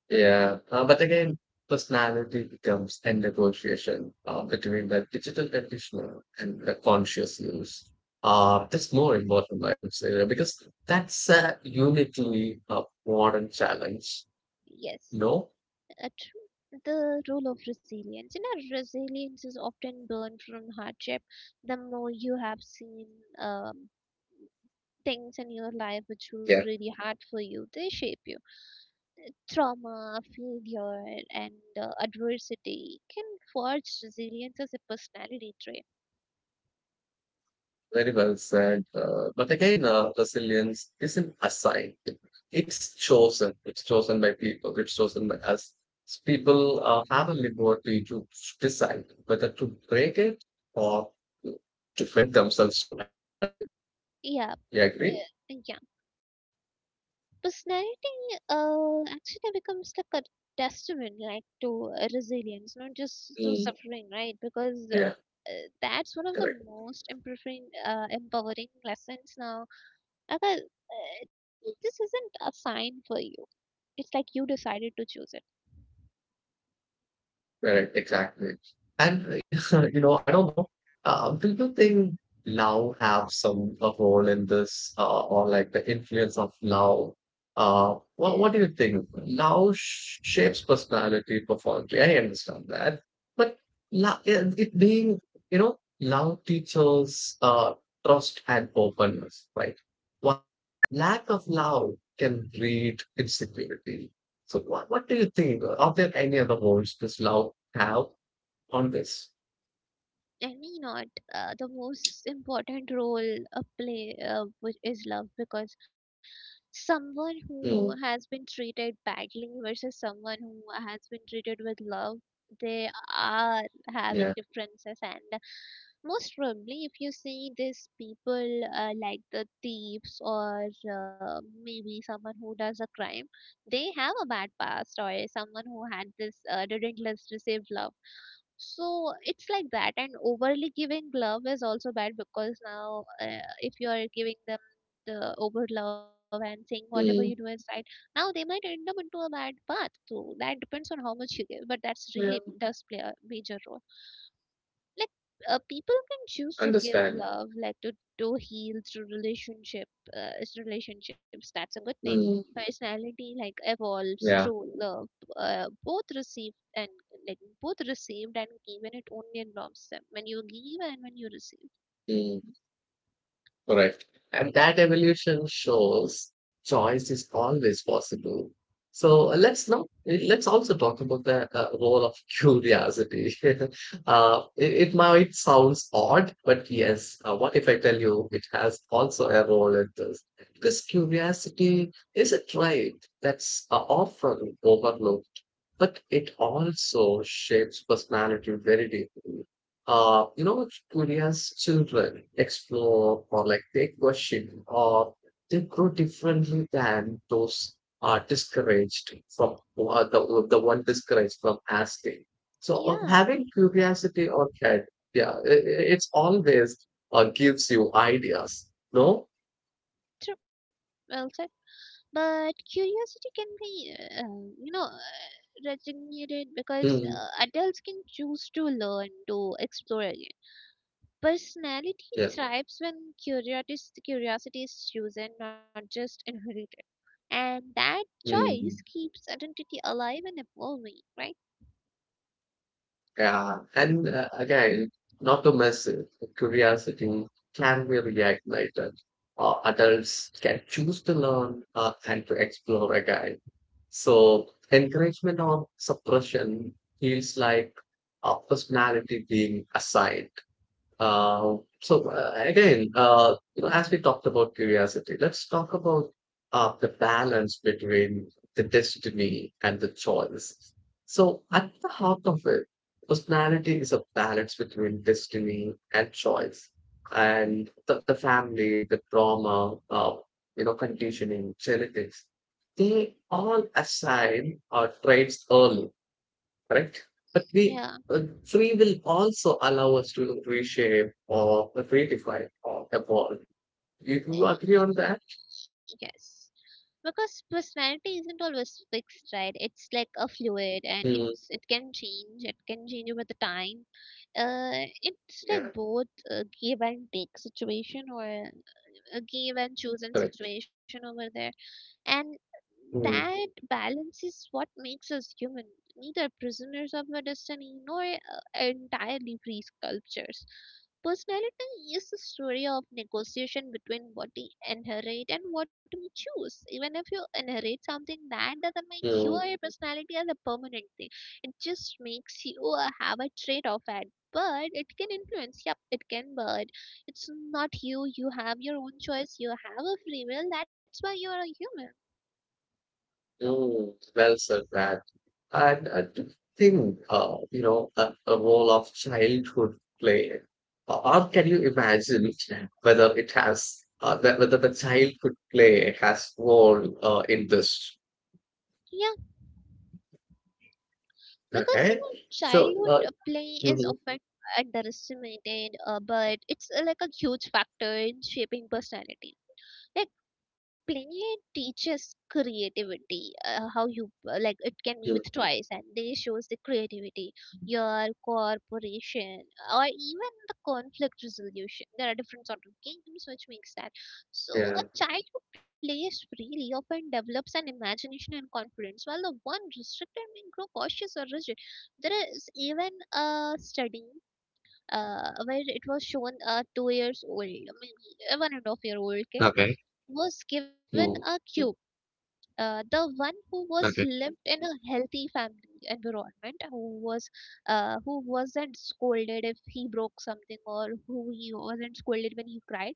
B: Yeah, but again, personality becomes a negotiation between the digital practitioner and the conscious use. That's more important, I would say, because that's a uniquely modern challenge.
A: Yes,
B: No.
A: at the role of resilience. You know, resilience is often born from hardship. The more you have seen um, things in your life which were really hard for you, they shape you. Trauma, failure, and adversity can forge resilience as a personality trait.
B: Very well said. But again, resilience isn't assigned. It's chosen. It's chosen by people. It's chosen by us. People have a liberty to decide whether to break it or to to bend themselves to adapt it.
A: Yeah,
B: You agree?
A: yeah. Personality actually becomes like a testament, like, to resilience, not just to
B: Mm.
A: suffering, right? Because
B: Yeah,
A: that's one of the
B: correct.
A: most empowering empowering lessons now. Aga, this isn't a sign for you, it's like you decided to choose it.
B: Correct, exactly. And I don't know. Do you think love have some a role in this, or like the influence of love? What do you think? Love shapes personality profoundly. I understand that, but love, it being you know, love teaches trust and openness, right? While lack of love can breed insecurity. So, what do you think? Are there any other roles this love have on this?
A: Any not The most important role a play, which is love, because someone who has
B: Mm,
A: been treated badly versus someone who has been treated with love, they are having
B: yeah.
A: differences. And most probably if you see these people, like the thieves, or maybe someone who does a crime, they have a bad past, or someone who had this, didn't let receive love. So it's like that. And overly giving love is also bad, because now, if you are giving them the over love and saying whatever you do is
B: Mm,
A: right, now they might end up into a bad path. So that depends on how much you give, but that's really
B: yeah.
A: does play a major role. Like, people can choose to give
B: Understand.
A: love, like to heal through relationship, is relationships, that's a good thing.
B: Mm,
A: Personality, like, evolves
B: Yeah.
A: through love, both received and like both received and given. It only involves them when you give and when you receive.
B: mm. Correct. And that evolution shows choice is always possible. So let's not let's also talk about the role of curiosity. It might sounds odd, but yes, what if I tell you it has also a role in this? Because curiosity is a trait that's often overlooked but it also shapes personality very deeply. Curious children explore or like they question or they grow differently than those are discouraged from the one discouraged from asking. So on having
A: Yeah,
B: curiosity or head, yeah, it's always gives you ideas. No.
A: true, well said. But curiosity can be uh, you know uh, resignated,
B: Mm,
A: because adults can choose to learn to explore again. Personality
B: yeah,
A: thrives when curiosity is chosen, not just inherited. And that choice
B: mm.
A: keeps identity alive and evolving, right?
B: Yeah, and again, not to miss it, curiosity can be reignited. Adults can choose to learn and to explore again. So, encouragement or suppression feels like a personality being assigned. So, again, as we talked about curiosity, let's talk about the balance between the destiny and the choice. So at the heart of it, personality is a balance between destiny and choice, and the family, the trauma, conditioning, genetics, they all assign our traits early, correct? But we
A: Yeah,
B: free will also allow us to reshape or redefine or evolve. You do agree on that?
A: yes. Because personality isn't always fixed, right? It's like a fluid, and
B: Mm,
A: it can change. It can change over the time. It's like
B: yeah,
A: both a give and take situation, or a give and chosen
B: correct.
A: situation over there. And that
B: Mm,
A: balance is what makes us human, neither prisoners of our destiny nor entirely free sculptures. Personality is a story of negotiation between what we inherit and what we choose. Even if you inherit something, that doesn't make you or your
B: mm,
A: personality as a permanent thing. It just makes you have a trait of it. But it can influence. Yep, it can. But it's not you. You have your own choice. You have a free will. That's why you are a human.
B: mm, well said that. And I do think, a role of childhood play, or can you imagine whether it has, that whether the childhood play has role in this?
A: Yeah, because, you
B: Okay,
A: know,
B: so
A: childhood play is
B: mhm,
A: often underestimated, but it's like a huge factor in shaping personality. Like, play teaches creativity, how you, like, it can be with
B: mhm,
A: toys and they shows the creativity, your cooperation, or even the conflict resolution. There are different sort of games which makes that. So a
B: yeah.
A: child who plays freely often develops an imagination and confidence, while the one restricted may grow cautious or rigid. There is even a study where it was shown a 2 years old, maybe a 1.5 year old kid,
B: OK，
A: was given a
B: 嗯
A: cube. The one who was
B: ，OK，
A: lived in a healthy family environment, who was who wasn't scolded if he broke something, or who he wasn't scolded when he cried,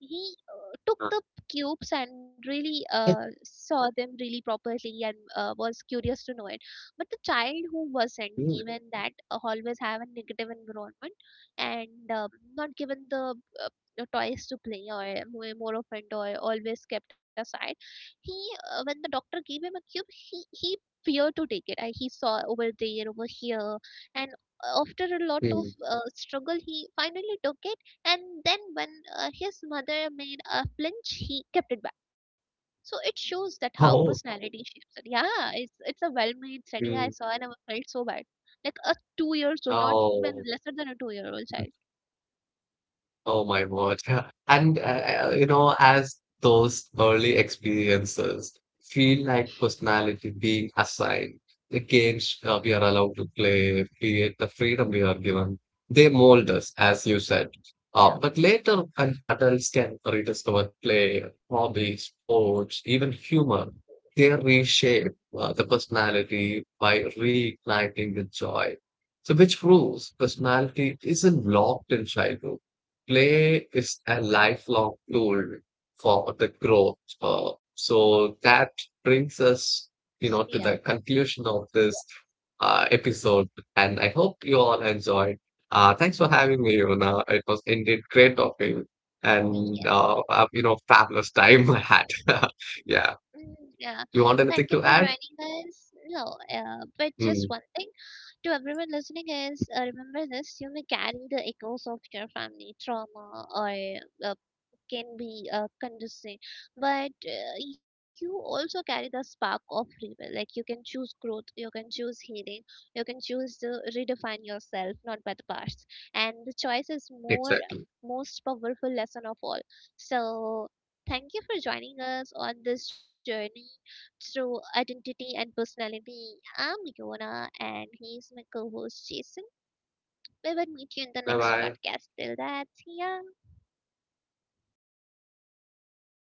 A: he took
B: 嗯，啊
A: the cubes and really
B: 哎
A: saw them really properly, and was curious to know it. But the child who wasn't
B: 嗯
A: given that, always have a negative environment, and not given uh, the toys to play, or more often, or always kept aside, he when the doctor gave him a cube, he feared to take it. I, he saw over there over here, and after a lot of
B: 嗯，
A: struggle, he finally took it. And then when his mother made a flinch, he kept it back. So it shows that how
B: 好，
A: personality shapes it. Yeah, it's a well-made study I saw,
B: 嗯，
A: and I felt so bad. Like a 2 years old, not even
B: 好。
A: lesser than a two-year-old child.
B: Oh my word. And, as those early experiences feel like personality being assigned, the games we are allowed to play, create the freedom we are given, they mold us, as you said.
A: Yeah,
B: But later, when adults can rediscover play, hobbies, sports, even humor, they reshape the personality by reigniting the joy. So, which proves personality isn't locked in childhood. Play is a lifelong tool for the growth. So that brings us, to
A: yeah.
B: the conclusion of this episode. And I hope you all enjoyed. Thanks for having me, Yona. It was indeed great talking, and
A: Yes.
B: fabulous time I had. Yeah.
A: Mm, yeah. Thank you
B: You
A: for
B: want anything
A: joining
B: to add?
A: us. No, but just one
B: Mm,
A: thing. To everyone listening is, remember this: you may carry the echoes of your family trauma, or uh, can be conditioning, but you also carry the spark of rebel. Like, you can choose growth, you can choose healing, you can choose to redefine yourself, not by the past. And the choice is more
B: exactly.
A: most powerful lesson of all. So thank you for joining us on this journey through identity and personality. I'm Yona, and he's my co host, Jason. We will meet you in the
B: Bye
A: next
B: bye.
A: podcast. Till that, see ya.
B: Yeah.